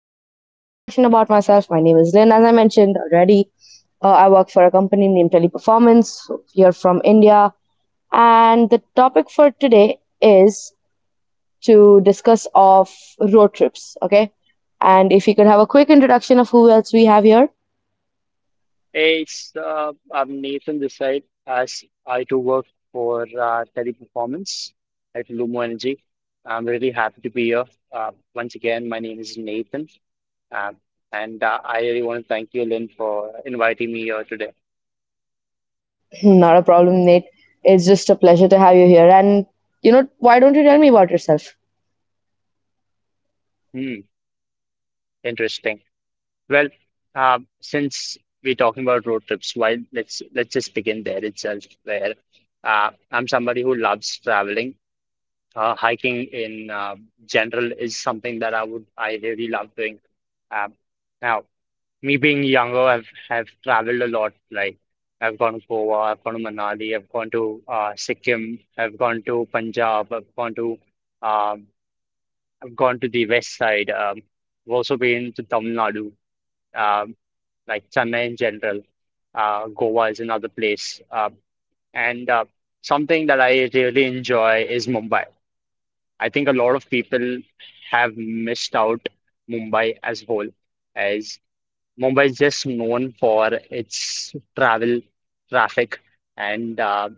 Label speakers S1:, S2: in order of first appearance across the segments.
S1: Just a quick introduction about myself. My name is Lynn, as I mentioned already. I work for a company named Teleperformance here from India, and the topic for today is to discuss of road trips. Okay, and if you could have a quick introduction of who else we have here,
S2: I'm Nathan this side, as I too work for Teleperformance at Lumo Energy. I'm really happy to be here. Once again, my name is Nathan, um, and I really want to thank you, Lynn, for inviting me here today.
S1: not a problem, Nate. It's just a pleasure to have you here. And you know, why don't you tell me about yourself?
S2: Hmm, interesting. Well, since we're talking about road trips, why let's just begin there itself, where I'm somebody who loves traveling. Hiking in general is something that I really love doing. Um, now, me being younger, I've have traveled a lot. Like I've gone to Goa, I've gone to Manali, I've gone to Sikkim, I've gone to Punjab, um, I've gone to the west side. I've also been to Tamil Nadu, um, like Chennai in general. Goa is another place. And Something that I really enjoy is Mumbai. I think a lot of people have missed out Mumbai as whole, as Mumbai is just known for its travel, traffic, and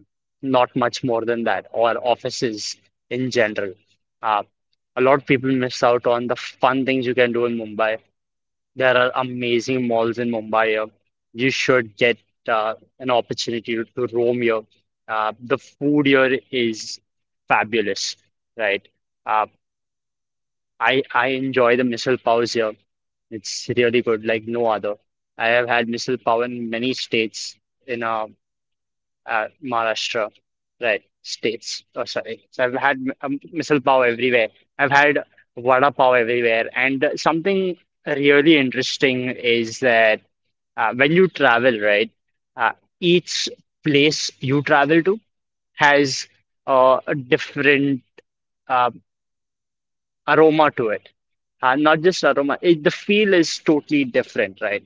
S2: not much more than that, or offices in general. Uh, a lot of people miss out on the fun things you can do in Mumbai. There are amazing malls in Mumbai here. You should get an opportunity to roam here. The food here is fabulous, right? Uh, I enjoy the missile pows here. It's really good, like no other. I have had missile pow in many states in Maharashtra, right? States. Oh, sorry. So I've had missile pow everywhere. I've had vada pav everywhere. And something really interesting is that when you travel, right, uh, each place you travel to has a different uh, aroma to it. And not just aroma it, the feel is totally different, right?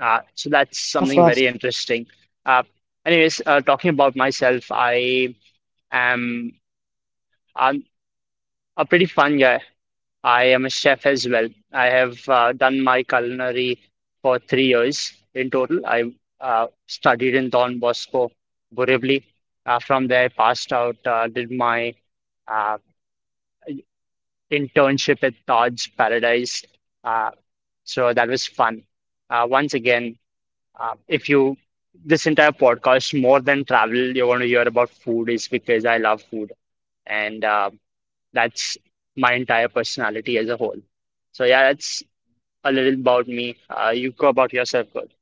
S2: So that's
S1: Of
S2: something
S1: course.
S2: very interesting. Uh, anyways uh, talking about myself, am I'm a pretty fun guy. I am a chef as well. I have done my culinary for 3 years in total. I uh, studied in Don Bosco Borivali. Uh, from there I passed out, did my uh, internship at Todd's Paradise. Uh, so that was fun. Once again, if you this entire podcast more than travel, you want to hear about food is because I love food, and that's my entire personality as a whole. So yeah, that's a little about me. You go about yourself, good.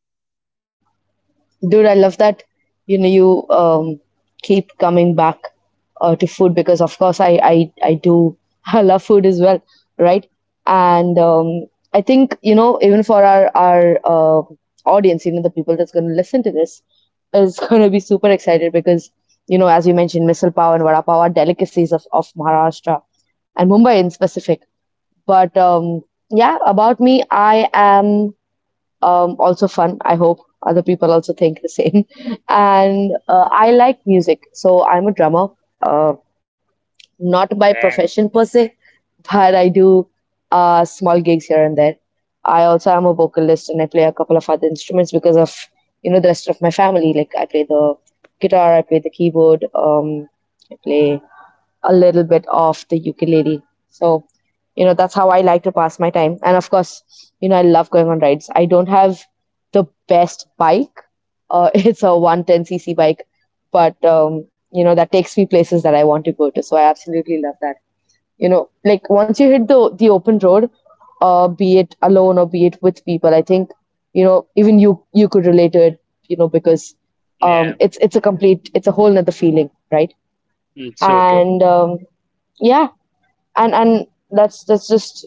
S1: Dude, I love that, you know, you keep coming back to food because, of course, I do, I love food as well, right? And I think, you know, even for our audience, you know, the people that's going to listen to this is going to be super excited because, you know, as you mentioned, misal pav and vada pav are delicacies of Maharashtra and Mumbai in specific. But yeah, about me, I am also fun. I hope other people also think the same. And I like music, so I'm a drummer. Uh, Not by
S2: Dang.
S1: profession per se, but I do small gigs here and there. I also am a vocalist and I play a couple of other instruments because of, you know, the rest of my family. Like I play the guitar, I play the keyboard, I play a little bit of the ukulele. So, you know, that's how I like to pass my time. And of course, you know, I love going on rides. I don't have the best bike. It's a 110cc bike, but you know, that takes me places that I want to go to. So I absolutely love that. You know, like once you hit the open road, be it alone or be it with people, I think, you know, even you could relate to it, you know, because
S2: Yeah,
S1: it's a complete, it's a whole nother feeling, right?
S2: it's so true.
S1: And yeah, and that's just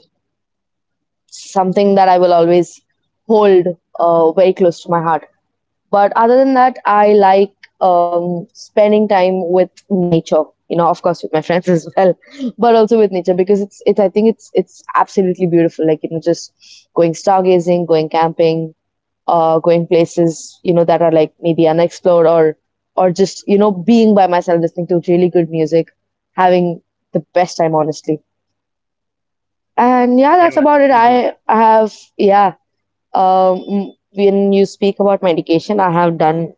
S1: something that I will always hold very close to my heart. But other than that, I like spending time with nature. You know, of course, with my friends as well, but also with nature because it's I think it's absolutely beautiful. Like, you know, just going stargazing, going camping, going places, you know, that are like maybe unexplored, or just, you know, being by myself listening to really good music, having the best time honestly. And yeah,
S2: Hey,
S1: that's
S2: man.
S1: about it.
S2: Mhm.
S1: I have, yeah, when you speak about medication, I have done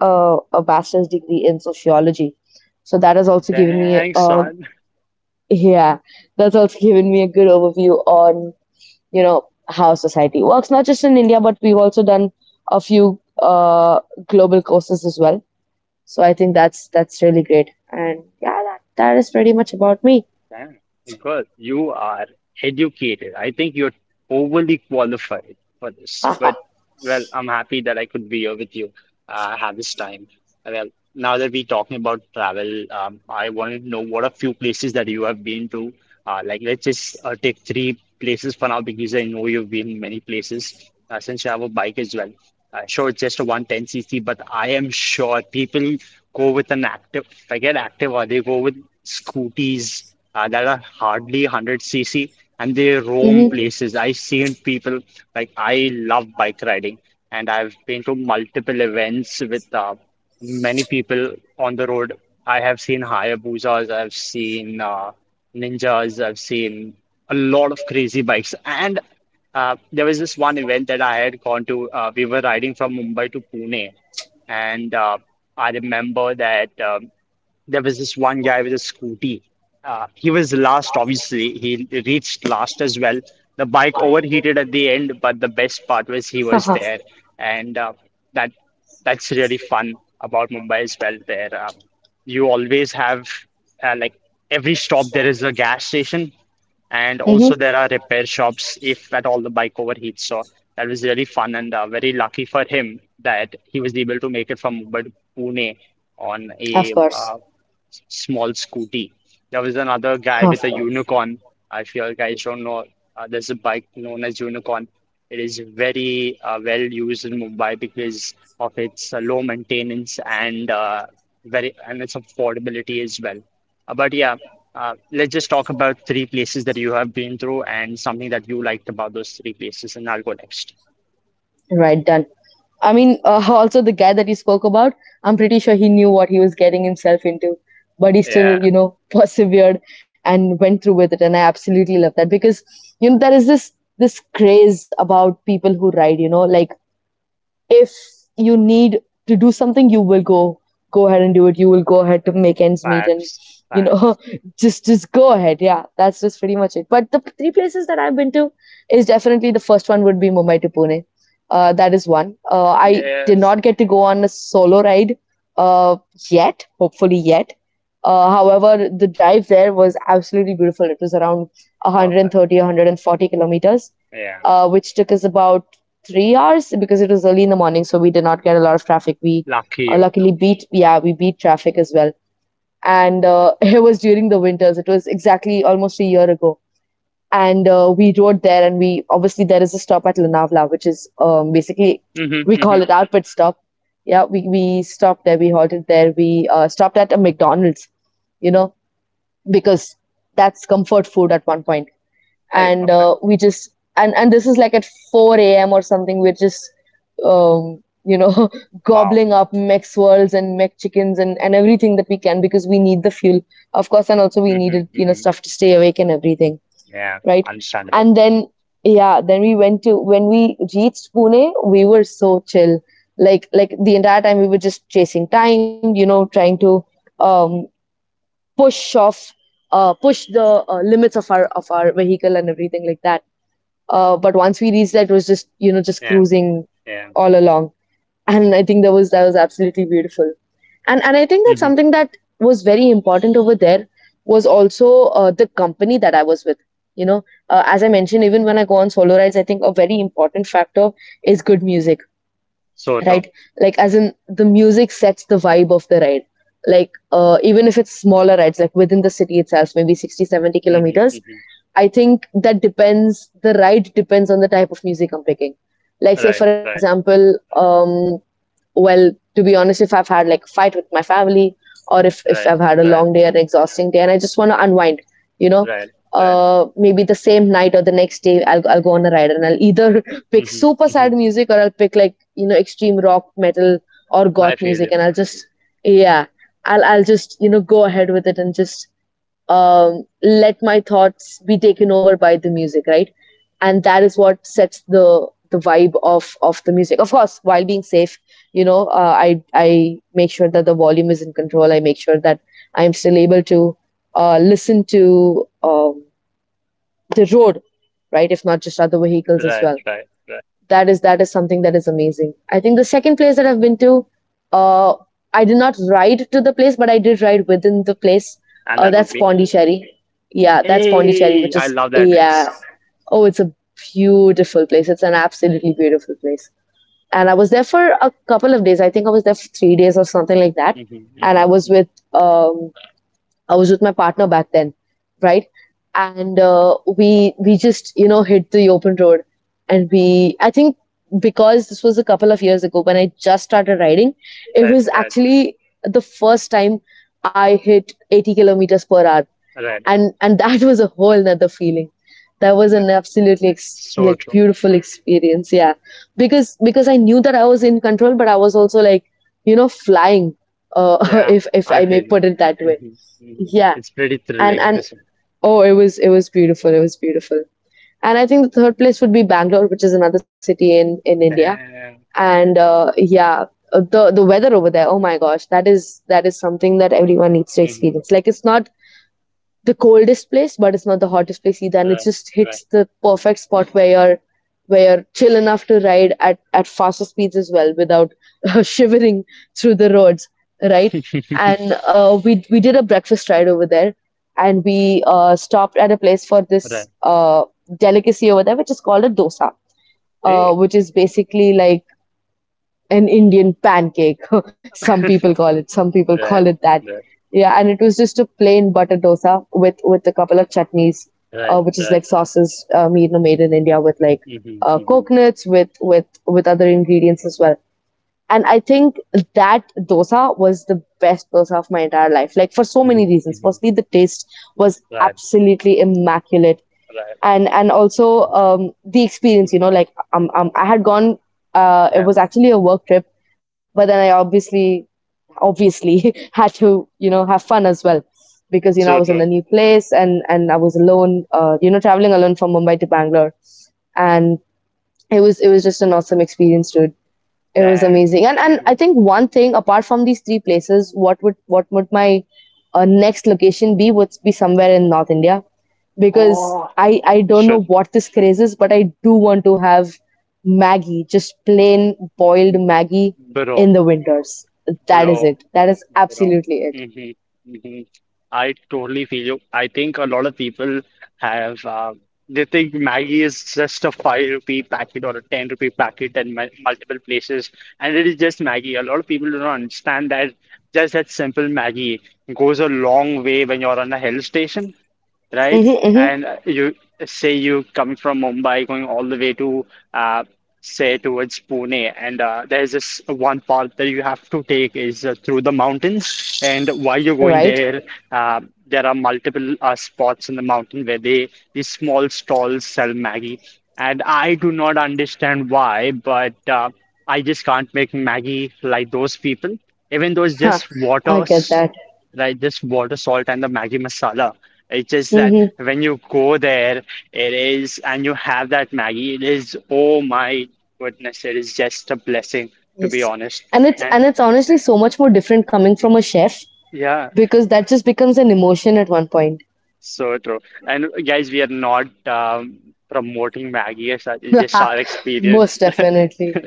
S1: a bachelor's degree in sociology. So that has also given me
S2: Thanks,
S1: a,
S2: son.
S1: yeah, that's also given me a good overview on, you know, how society works, not just in India, but we've also done a few global courses as well. So I think that's really great. And yeah, that is pretty much about me.
S2: Yeah, because you are educated. I think you're overly qualified for this. But
S1: Haha.
S2: well, I'm happy that I could be here with you. Have this time. Well, now that we're talking about travel, I wanted to know what a few places that you have been to. Like let's just take three places for now because I know you've been many places since you have a bike as well. Sure, it's just a 110cc, but I am sure people go with an active, if I get active, or they go with scooties that are hardly 100cc and they roam
S1: Mm-hmm.
S2: places. I've seen people like I love bike riding, and I've been to multiple events with many people on the road. I have seen Hayabusas, I've seen Ninjas, I've seen a lot of crazy bikes. And there was this one event that I had gone to. We were riding from Mumbai to Pune, and I remember that. There was this one guy with a scooty. He was last, obviously. He reached last as well. The bike overheated at the end, but the best part was he was
S1: Haha.
S2: there, and that that's really fun about Mumbai as well. There, you always have like every stop there is a gas station, and
S1: Mm-hmm.
S2: also there are repair shops if at all the bike overheats. So that was really fun, and very lucky for him that he was able to make it from Mumbai to Pune on
S1: Of
S2: a
S1: course,
S2: small scooty. There was another guy
S1: of
S2: with a
S1: course.
S2: unicorn. If you guys don't know, there's a bike known as Unicorn. It is very well used in Mumbai because of its low maintenance and its affordability as well. But yeah, let's just talk about three places that you have been through and something that you liked about those three places, and I'll go next.
S1: Right, done. I mean, also the guy that you spoke about, I'm pretty sure he knew what he was getting himself into, but he still,
S2: Yeah,
S1: you know, persevered and went through with it. And I absolutely love that because, you know, there is this craze about people who ride, you know, like if you need to do something, you will go ahead and do it. You will go ahead to make ends meet, and,
S2: facts,
S1: you
S2: facts.
S1: know, just go ahead, yeah, that's just pretty much it. But the three places that I've been to, is definitely, the first one would be Mumbai to Pune. That is one. I did
S2: Yes,
S1: not get to go on a solo ride uh, yet, hopefully yet. However, the drive there was absolutely beautiful. It was around one hundred and
S2: perfect.
S1: thirty, 140 kilometers,
S2: Yeah,
S1: which took us about 3 hours because it was early in the morning, so we did not get a lot of traffic. We
S2: lucky you.
S1: luckily beat, yeah, we beat traffic as well. And it was during the winters. It was exactly almost a year ago. And we rode there, and we obviously, there is a stop at Lunavla, which is, basically
S2: Mm-hmm,
S1: we call it
S2: mm-hmm.
S1: our pit stop. Yeah, we stopped there, we halted there, we stopped at a McDonald's, you know, because that's comfort food at one point.
S2: Hey,
S1: And
S2: perfect.
S1: we just, and this is like at 4 a.m. or something. We're just, you know,
S2: Wow.
S1: gobbling up mech swirls and mech chickens and everything that we can because we need the fuel, of course, and also we
S2: Mm-hmm,
S1: needed, you know,
S2: mm-hmm.
S1: stuff to stay awake and everything,
S2: Yeah,
S1: right?
S2: understandable.
S1: And then yeah, then we went to, when we reached Pune, we were so chill. Like the entire time we were just chasing time, you know, trying to um, push off, push the limits of our vehicle and everything like that. But once we reached that, it was just, you know, just
S2: Yeah,
S1: cruising
S2: yeah.
S1: all along, and I think that was, that was absolutely beautiful. And I think that,
S2: Mm-hmm.
S1: something that was very important over there was also the company that I was with. You know, as I mentioned, even when I go on solo rides, I think a very important factor is good music,
S2: So true.
S1: right? Like as in, the music sets the vibe of the ride. Like even if it's smaller rides, like within the city itself, maybe 60, seventy
S2: Mm-hmm,
S1: kilometers
S2: mm-hmm.
S1: I think that depends, the ride depends on the type of music I'm picking. Like say
S2: Right,
S1: for
S2: right,
S1: example, um, well, to be honest, if I've had like a fight with my family or if
S2: right,
S1: I've had a
S2: right,
S1: long day and exhausting day and I just want to unwind, you know,
S2: right, right.
S1: maybe the same night or the next day, I'll go on a ride and I'll either pick
S2: Mm-hmm,
S1: super
S2: mm-hmm.
S1: sad music, or I'll pick like, you know, extreme rock, metal, or
S2: I
S1: goth
S2: feel
S1: music,
S2: you.
S1: and yeah, I'll just, you know, go ahead with it and just let my thoughts be taken over by the music, right? And that is what sets the vibe of the music. Of course, while being safe, you know, I make sure that the volume is in control. I make sure that I am still able to listen to the road, right? If not just other vehicles as
S2: Right,
S1: well.
S2: right, right.
S1: That is, that is something that is amazing. I think the second place that I've been to, uh, I did not ride to the place, but I did ride within the place.
S2: And that would
S1: That's
S2: be,
S1: Pondicherry. Yeah, that's Pondicherry, which
S2: hey, I
S1: is,
S2: love that
S1: yeah.
S2: place.
S1: Oh, it's a beautiful place. It's an absolutely beautiful place. And I was there for a couple of days. I think I was there for 3 days or something like that.
S2: Mm-hmm,
S1: And
S2: mm-hmm.
S1: um, I was with my partner back then, right? And we just, you know, hit the open road, and we, I think, because this was a couple of years ago when I just started riding, it
S2: Right,
S1: was
S2: right,
S1: actually the first time I hit 80 kilometers per hour,
S2: right.
S1: and that was a whole nother feeling. That was
S2: Yeah.
S1: an absolutely
S2: So
S1: like
S2: true.
S1: beautiful experience, yeah. Because I knew that I was in control, but I was also like, you know, flying,
S2: Yeah,
S1: if
S2: I
S1: I may
S2: feel
S1: put
S2: you.
S1: it that way.
S2: Mm-hmm, mm-hmm.
S1: Yeah,
S2: It's pretty
S1: and
S2: thrilling
S1: and
S2: to see.
S1: oh, it was, it was beautiful. It was beautiful. And I think the third place would be Bangalore, which is another city in India.
S2: Damn.
S1: And yeah, the weather over there. Oh my gosh, that is, that is something that everyone needs to
S2: Mm-hmm.
S1: experience. Like it's not the coldest place, but it's not the hottest place either. And it
S2: Right,
S1: just hits
S2: right,
S1: the perfect spot where you're, where you're chill enough to ride at faster speeds as well without shivering through the roads, right? And we did a breakfast ride over there, and we stopped at a place for this
S2: right.
S1: delicacy over there, which is called a dosa,
S2: Hey,
S1: which is basically like an Indian pancake. Some people call it, some people call
S2: right.
S1: it that.
S2: Right.
S1: Yeah, and it was just a plain butter dosa with a couple of chutneys,
S2: Right,
S1: which is
S2: right.
S1: like sauces, made, you know, made in India with like
S2: Mm-hmm, mm-hmm,
S1: coconuts with other ingredients as well, and I think that dosa was the best dosa of my entire life. Like for so many
S2: mm-hmm,
S1: reasons.
S2: mm-hmm.
S1: Firstly, the taste was
S2: Right,
S1: absolutely immaculate,
S2: right.
S1: and also the experience.
S2: Mm-hmm.
S1: I had gone. It
S2: Yeah,
S1: was actually a work trip, but then I obviously had to have fun as well because I
S2: so
S1: was in
S2: true.
S1: a new place and I was alone. Traveling alone from Mumbai to Bangalore, and it was just an awesome experience, dude. It was
S2: Dang.
S1: amazing. And
S2: Mm-hmm.
S1: I think one thing apart from these three places, what would my next location be? Would be somewhere in North India because
S2: Oh,
S1: I don't know
S2: shit.
S1: what this craze is, but I do want to have Maggie, just plain boiled Maggie
S2: Bro,
S1: in the winters. That is
S2: bro,
S1: it. That is
S2: bro.
S1: absolutely it.
S2: Mm-hmm, mm-hmm. I totally feel you. I think a lot of people have, they think Maggie is just a 5 rupee packet or a 10 rupee packet in multiple places, and it is just Maggie. A lot of people do not understand that just that simple Maggie goes a long way when you're on a hill station, right?
S1: Mm-hmm, mm-hmm.
S2: And you say you coming from Mumbai, going all the way to uh, say towards Pune, and there's this one path that you have to take is through the mountains. And while you're going
S1: Right.
S2: there, there are multiple spots in the mountain where they these small stalls sell Maggie. And I do not understand why, but I just can't make Maggie like those people, even though it's
S1: Huh.
S2: just
S1: I
S2: water,
S1: get that.
S2: right? Just water, salt, and the Maggie masala. It's just that
S1: Mm-hmm.
S2: when you go there, it is, and you have that Maggie, it is, oh my goodness, it is just a blessing, to be
S1: Yes.
S2: honest.
S1: And it's
S2: And
S1: and it's honestly so much more different coming from a chef
S2: yeah,
S1: because that just becomes an emotion at one point.
S2: so true. And guys, we are not promoting Maggie as such, it's just our experience.
S1: Most definitely.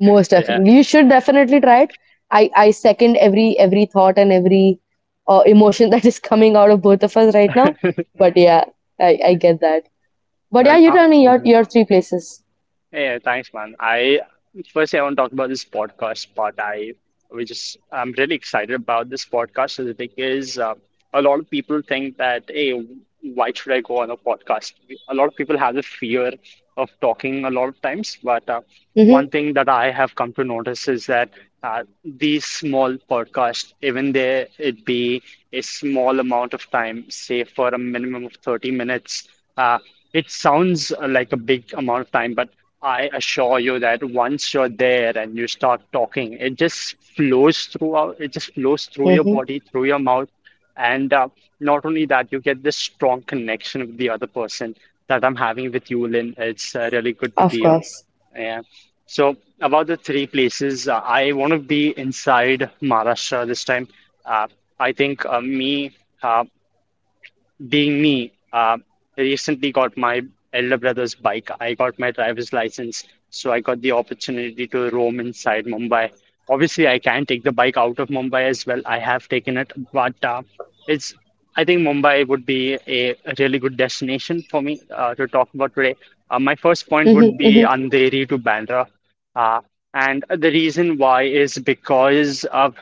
S1: Most
S2: Yeah.
S1: definitely. You should definitely try it. I second every thought and every emotion that is coming out of both of us right now. But yeah, I get that. But yeah,
S2: Well,
S1: you tell me your your three places.
S2: Yeah, thanks, man. I firstly I want to talk about this podcast part. I we just I'm really excited about this podcast is because a lot of people think that hey, why should I go on a podcast? A lot of people have the fear of talking a lot of times, but one
S1: Mm-hmm.
S2: thing that I have come to notice is that these small podcasts, even there it be a small amount of time, say for a minimum of 30 minutes, uh, it sounds like a big amount of time, but I assure you that once you're there and you start talking, it just flows throughout, it just flows through your
S1: Mm-hmm.
S2: body, through your mouth. And not only that, you get this strong connection with the other person that I'm having with you, Lynn. It's really good to
S1: Of
S2: be here.
S1: course.
S2: Yeah. So about the three places, I want to be inside Maharashtra this time. Uh, I think uh, being me, I recently got my elder brother's bike. I got my driver's license, so I got the opportunity to roam inside Mumbai. Obviously, I can take the bike out of Mumbai as well. I have taken it, but it's I think Mumbai would be a really good destination for me to talk about today. My first point
S1: Mm-hmm.
S2: would
S1: Mm-hmm.
S2: be Andheri to Bandra, uh, and the reason why is because of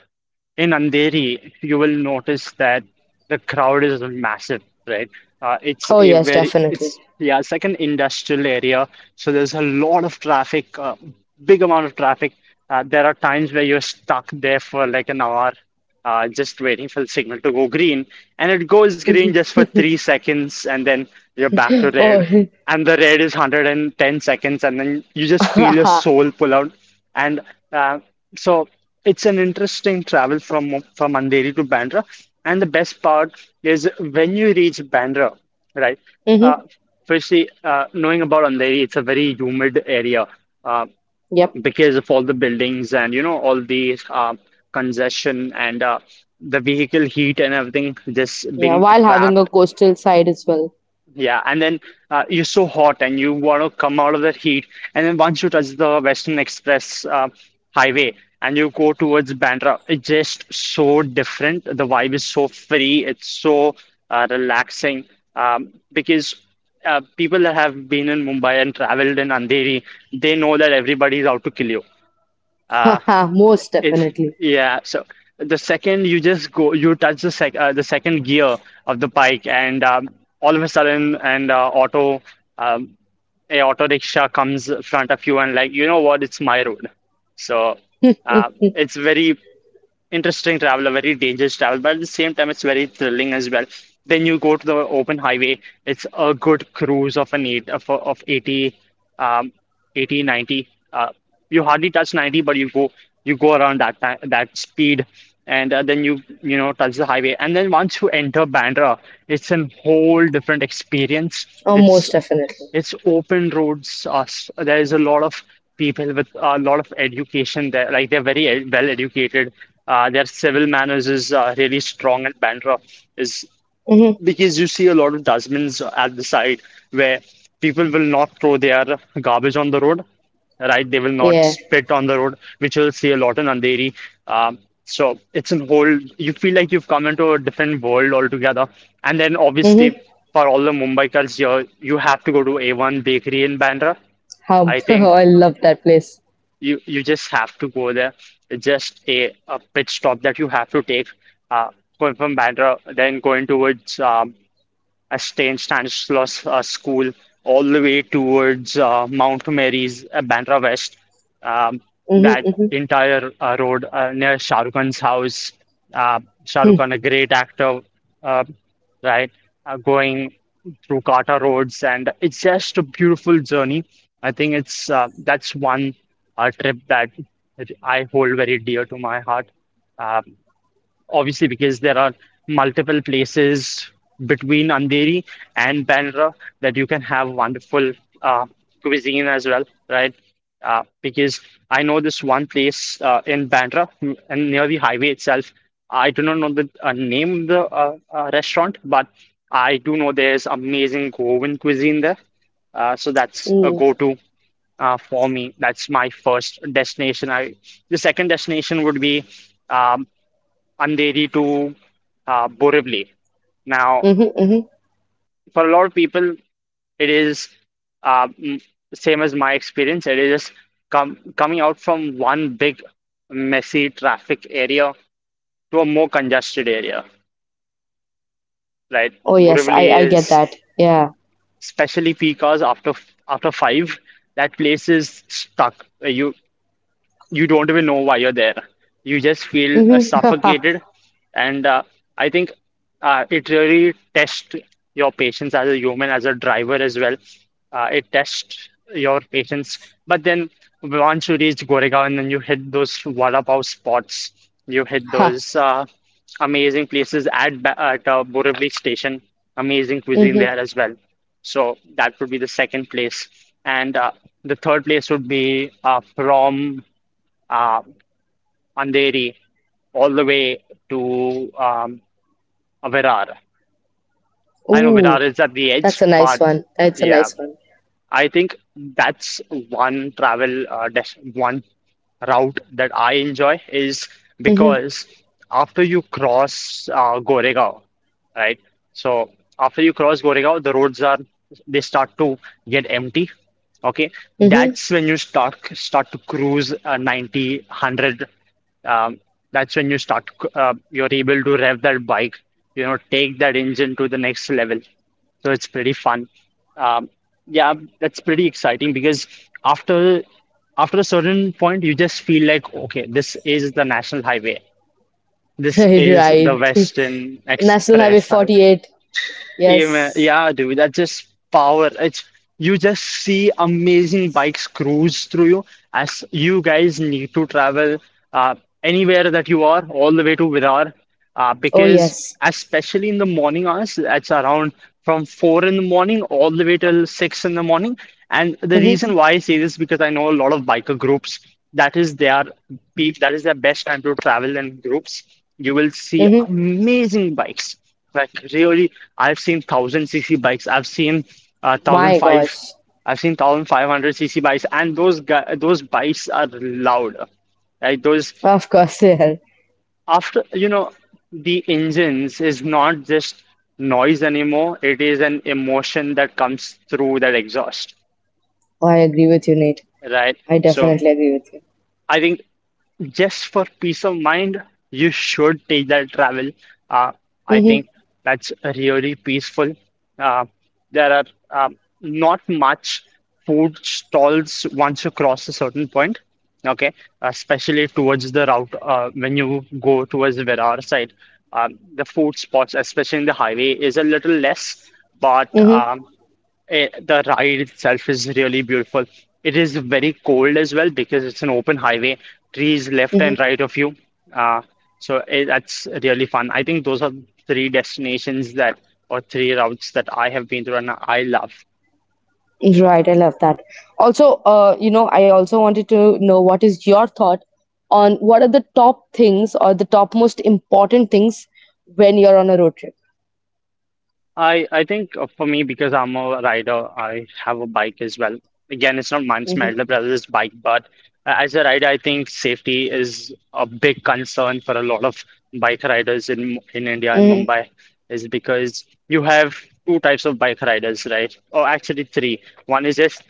S2: in Andheri, you will notice that the crowd is massive, right?
S1: Oh
S2: It's
S1: yes,
S2: a very,
S1: definitely.
S2: it's, yeah, it's like an industrial area. So there's a lot of traffic, big amount of traffic. There are times where you're stuck there for like an hour just waiting for the signal to go green. And it goes green just for 3 seconds, and then you're back to
S1: Oh.
S2: red. And the red is 110 seconds, and then you just feel your
S1: Mm-hmm.
S2: soul pull out. And uh, so it's an interesting travel from Andheri to Bandra. And the best part is when you reach Bandra, right? Uh, firstly, knowing about Andheri, it's a very humid area. Uh,
S1: Yep.
S2: because of all the buildings and you know all the congestion and the vehicle heat and everything just
S1: Yeah,
S2: being
S1: while having a
S2: trapped.
S1: coastal side as well.
S2: Yeah, and then you're so hot and you want to come out of that heat, and then once you touch the Western Express highway and you go towards Bandra, it's just so different. The vibe is so free, it's so relaxing, because people that have been in Mumbai and traveled in Andheri, they know that everybody's out to kill you. Uh,
S1: Most
S2: it's
S1: definitely.
S2: yeah. So, the second you just go, you touch the sec the second gear of the bike, and all of a sudden, and um, auto rickshaw comes in front of you, and like you know what, it's my road. So it's very interesting travel, a very dangerous travel, but at the same time, it's very thrilling as well. Then you go to the open highway. It's a good cruise of an eight of 80, um, 80, 90. You hardly touch 90, but you go around that time, that speed, and then you know touch the highway. And then once you enter Bandra, it's a whole different experience.
S1: Oh,
S2: It's
S1: most definitely.
S2: it's open roads us. There is a lot of people with a lot of education there. Like they're very well educated. Their civil manners is really strong, and Bandra is
S1: Mm-hmm.
S2: because you see a lot of dustbins at the side where people will not throw their garbage on the road, right? They will not
S1: Yeah.
S2: spit on the road, which you'll see a lot in Andheri. Um, so it's a whole, you feel like you've come into a different world altogether. And then obviously,
S1: Mm-hmm.
S2: for all the Mumbaikars here, you have to go to A1 Bakery in Bandra.
S1: How
S2: I think
S1: I love that place.
S2: you just have to go there. It's just a pit stop that you have to take uh, going from Bandra, then going towards a St. Stanislaus School, all the way towards Mount Mary's, Bandra West. Um,
S1: Hmm.
S2: that
S1: Hmm.
S2: entire road near Shah Rukh Khan's house. Shah Rukh Khan, a great actor, uh, right? Going through Kata roads, and it's just a beautiful journey. I think it's that's one trip that I hold very dear to my heart. Uh, obviously because there are multiple places between Andheri and Bandra that you can have wonderful uh, cuisine as well, right? Because I know this one place in Bandra and near the highway itself. I do not know the name of the restaurant, but I do know there's amazing Goan cuisine there. So that's a
S1: Hmm.
S2: go-to for me. That's my first destination. I the second destination would be um, Andheri to Borivali. Now,
S1: Hmm. Hmm.
S2: for a lot of people, it is uh, m- same as my experience. It is just coming out from one big messy traffic area to a more congested area, right?
S1: Oh yes, I
S2: Borivali
S1: I get
S2: is,
S1: that. Yeah.
S2: especially peak hours after 5, that place is stuck. You don't even know why you're there. You just feel
S1: Hmm.
S2: suffocated, and I think it really tests your patience as a human, as a driver as well. It tests your patience. But then once you reach Goregaon and then you hit those vada pav spots, you hit
S1: Ha.
S2: those amazing places at Borivali station. Amazing cuisine there
S1: Hmm.
S2: as well. So that would be the second place, and the third place would be from uh, Andheri, all the way to Virar. I know
S1: Ooh,
S2: Virar is at the
S1: that's
S2: edge,
S1: a nice
S2: but
S1: one. That's a
S2: yeah,
S1: nice one.
S2: I think that's one route that I enjoy is
S1: Hmm.
S2: because after you cross Goregaon, right? So after you cross Goregaon, the roads are they start to get empty. Okay,
S1: Hmm.
S2: that's when you start to cruise 90, 100. Um, that's when you start you're able to rev that bike, you know, take that engine to the next level. So it's pretty fun. Um, yeah, that's pretty exciting because after after a certain point, you just feel like, okay, this is the national highway. This
S1: Right,
S2: is the
S1: right.
S2: Western
S1: National Highway
S2: Express Highway.
S1: 48.
S2: Yeah,
S1: Yes.
S2: yeah, dude, that's just power. It's you just see amazing bikes cruise through you as you guys need to travel uh, anywhere that you are, all the way to Virar, uh,
S1: Oh
S2: because
S1: yes.
S2: especially in the morning hours, that's around from 4 in the morning all the way till 6 in the morning. And the
S1: Hmm.
S2: reason why I say this because I know a lot of biker groups. That is their peak. That is their best time to travel in groups. You will see
S1: Hmm.
S2: amazing bikes. Like really, I've seen thousand cc bikes. I've seen thousand
S1: My
S2: five.
S1: gosh.
S2: I've seen 1500 cc bikes, and those bikes are loud. Like those
S1: Of course, yeah. Oh,
S2: after you know, the engines is not just noise anymore. It is an emotion that comes through that exhaust,
S1: I agree with you, Nate.
S2: right?
S1: I
S2: So
S1: definitely agree with you.
S2: I think just for peace of mind, you should take that travel. Uh, I
S1: Hmm.
S2: think that's really peaceful. Uh, there are not much food stalls once you cross a certain point. Okay, especially towards the route when you go towards the Virar side, the food spots, especially in the highway, is a little less. But
S1: Hmm.
S2: um, the ride itself is really beautiful. It is very cold as well because it's an open highway, trees left and
S1: Hmm.
S2: right of you. Uh, that's really fun. I think those are three destinations that, or three routes that I have been through and I love.
S1: Right, I love that. Also, I also wanted to know what is your thought on what are the top things or the top most important things when you're on a road trip.
S2: I think for me because I'm a rider, I have a bike as well. Again, it's not mine's my
S1: Mm-hmm,
S2: elder brother's bike, but as a rider, I think safety is a big concern for a lot of bike riders in in India and
S1: mm-hmm,
S2: Mumbai, is because you have two types of bike riders, right? Or actually three. One is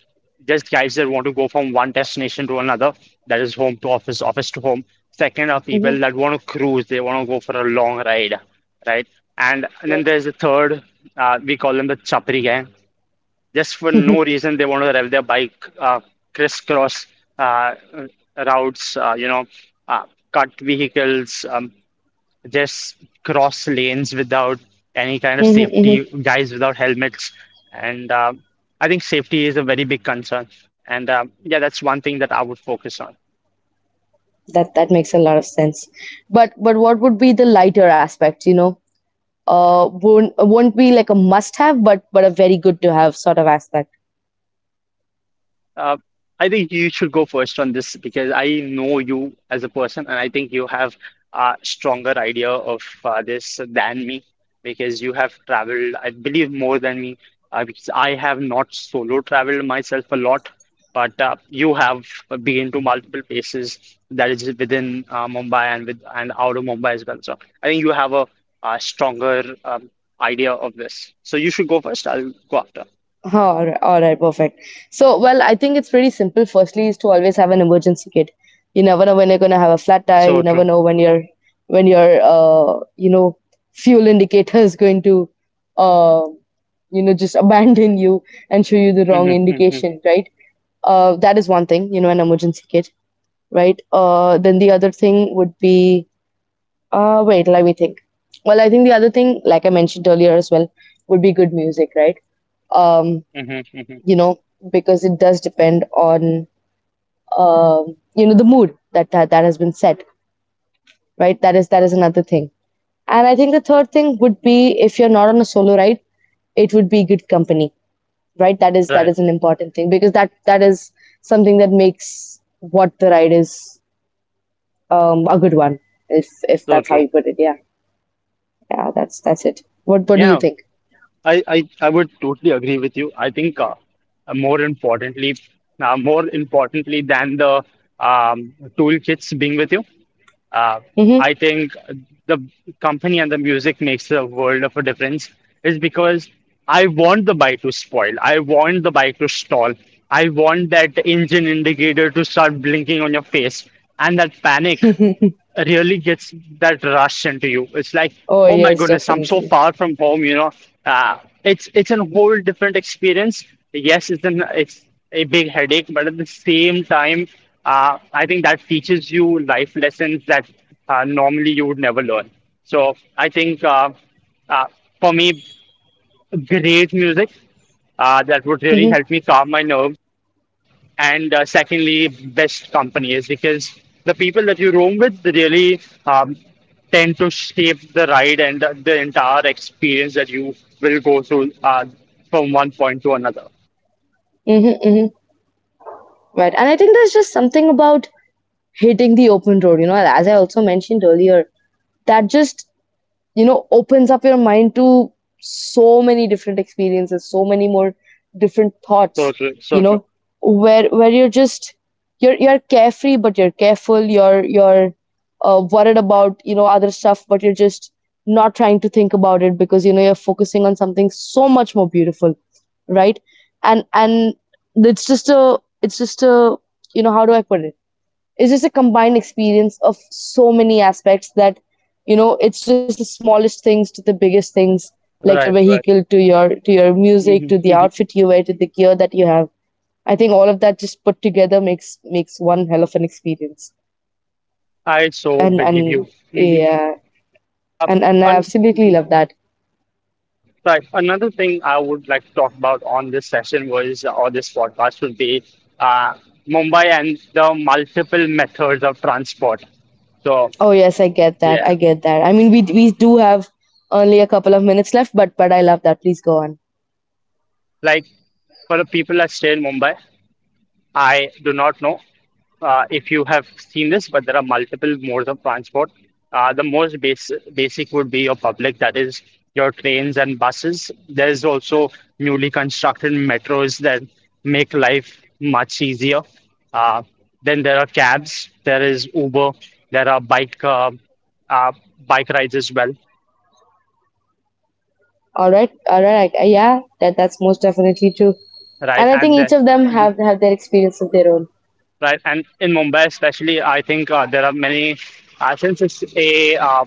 S2: just guys that want to go from one destination to another, that is home to office, office to home. Second are
S1: mm-hmm,
S2: people that want to cruise, they want to go for a long ride, right? And then there's the third, we call them the Chapri gang. Just for no reason, they want to rev their bike uh, crisscross uh, routes, uh, cut vehicles, just cross lanes without any kind of
S1: mm-hmm,
S2: safety,
S1: mm-hmm.
S2: guys without helmets. And I think safety is a very big concern. And yeah, that's one thing that I would focus on.
S1: That makes a lot of sense. But what would be the lighter aspect? You know, won't be like a must have, but a very good to have sort of aspect.
S2: Uh, I think you should go first on this because I know you as a person, and I think you have a stronger idea of this than me because you have traveled, I believe, more than me. Because I have not solo traveled myself a lot, but you have been to multiple places that is within Mumbai and with and out of Mumbai as well. So I think you have a, stronger idea of this. So you should go first. I'll go after.
S1: Huh. All right, perfect. So, well, I think it's pretty simple. Firstly, is to always have an emergency kit. You never know when you're gonna have a flat tire. You
S2: So
S1: never
S2: true.
S1: know when your fuel indicator is going to uh just abandon you and show you the wrong
S2: Hmm, hmm.
S1: indication, right? That is one thing. You know, an emergency kit, right? Then the other thing would be wait, let me think. Well, I think the other thing, like I mentioned earlier as well, would be good music, right? um
S2: Hmm,
S1: you
S2: hmm.
S1: know, because it does depend on the mood that that has been set, right? That is another thing. And I think the third thing would be, if you're not on a solo ride, it would be good company, right? That is that
S2: Right.
S1: is an important thing because that that is something that makes what the ride is, a good one, if
S2: So
S1: that's how
S2: true.
S1: you put it. Yeah, yeah, that's it. What do you
S2: Yeah,
S1: think?
S2: I would totally agree with you. I think uh, more importantly, more importantly than the toolkits being with you, uh, I
S1: Mm-hmm.
S2: think the company and the music makes a world of a difference. Is because I want the bike to spoil. I want the bike to stall. I want that engine indicator to start blinking on your face and that panic. Really gets that rush into you. It's like,
S1: Oh
S2: oh my
S1: yes,
S2: goodness, I'm so
S1: definitely.
S2: far from home, you know. It's a whole different experience. Yes, it's a big headache, but at the same time, I think that teaches you life lessons that normally you would never learn. So I think uh, for me, great music that would really
S1: Mm-hmm.
S2: help me calm my nerves and secondly, best companies because the people that you roam with really um, tend to shape the ride and the entire experience that you will go through from one point to another.
S1: Mm-hmm. Mm-hmm. Right. And I think there's just something about hitting the open road, as I also mentioned earlier, that just opens up your mind to so many different experiences, so many more different thoughts,
S2: So true,
S1: you
S2: so true.
S1: know where you're just, you're carefree but you're careful, you're worried about, other stuff, but you're just not trying to think about it because you're focusing on something so much more beautiful, right? And it's just a, how do I put it, it's just a combined experience of so many aspects that, it's just the smallest things to the biggest things, like
S2: Right,
S1: your
S2: right.
S1: vehicle to your music
S2: Hmm,
S1: to the
S2: hmm.
S1: outfit you wear to the gear that you have. I think all of that just put together makes one hell of an experience.
S2: I so
S1: and
S2: believe you.
S1: and
S2: Hmm
S1: yeah,
S2: Uh,
S1: and I
S2: and
S1: absolutely love that.
S2: Right, another thing I would like to talk about on this session was or this podcast would be uh, Mumbai and the multiple methods of transport. So
S1: Oh yes, I get that.
S2: yeah.
S1: I get that. I mean, we do have only a couple of minutes left, but I love that. Please go on.
S2: Like for the people that stay in Mumbai, I do not know if you have seen this, but there are multiple modes of transport. The most basic would be your public, that is your trains and buses. There's also newly constructed metros that make life much easier. Uh, then there are cabs, there is Uber, there are uh, bike rides as well,
S1: All right, yeah, that's most definitely true. And
S2: right?
S1: I think each of them have their experience of their own.
S2: Right, and in Mumbai especially, I think there are many. Since it's a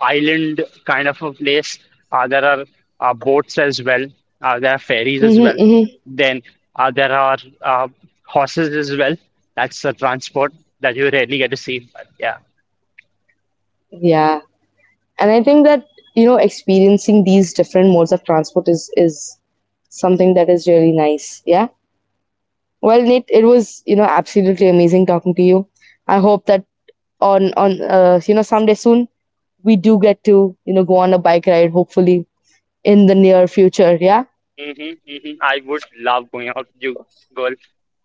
S2: island kind of a place, there are boats as well. There are ferries as well.
S1: Mm-hmm, mm-hmm.
S2: Then there are horses as well. That's a transport that you rarely get to see. But yeah.
S1: Yeah, and I think that, experiencing these different modes of transport, is something that is really nice. Yeah. Well, Nate, it was, absolutely amazing talking to you. I hope that on someday soon we do get to go on a bike ride, hopefully in the near future. Yeah.
S2: Hmm, hmm. I would love going out with you, girl,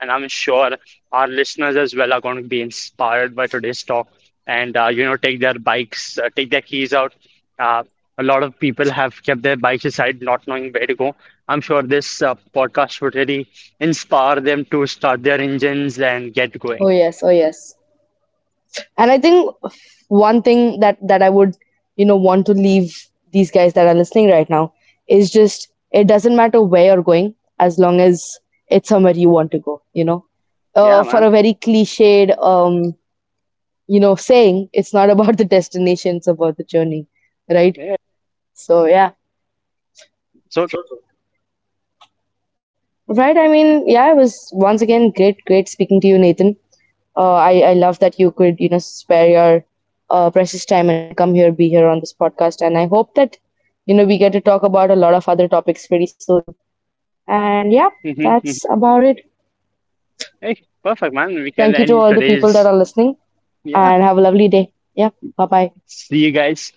S2: and I'm sure our listeners as well are going to be inspired by today's talk and you know take their bikes, take their keys out. Uh, a lot of people have kept their bikes aside, not knowing where to go. I'm sure this podcast would really inspire them to start their engines and get
S1: Oh
S2: going.
S1: yes. Oh yes. And I think one thing that that I would want to leave these guys that are listening right now is, just it doesn't matter where you're going, as long as it's somewhere you want to go. You know,
S2: Yeah,
S1: for
S2: man.
S1: a very cliched, saying, it's not about the destination, it's about the journey, right?
S2: Yeah,
S1: So yeah.
S2: so
S1: Right. I mean, yeah, it was once again great, great speaking to you, Nathan. I love that you could, spare your precious time and come here, be here on this podcast. And I hope that we get to talk about a lot of other topics pretty soon. And yeah,
S2: true. Hmm,
S1: that's
S2: hmm.
S1: about it.
S2: Hey, perfect, man. We can
S1: Thank you to
S2: end
S1: all the people that
S2: today's.
S1: are listening,
S2: Yeah.
S1: and have a lovely day. Yeah. Bye bye.
S2: See you guys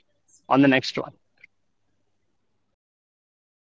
S2: on the next one.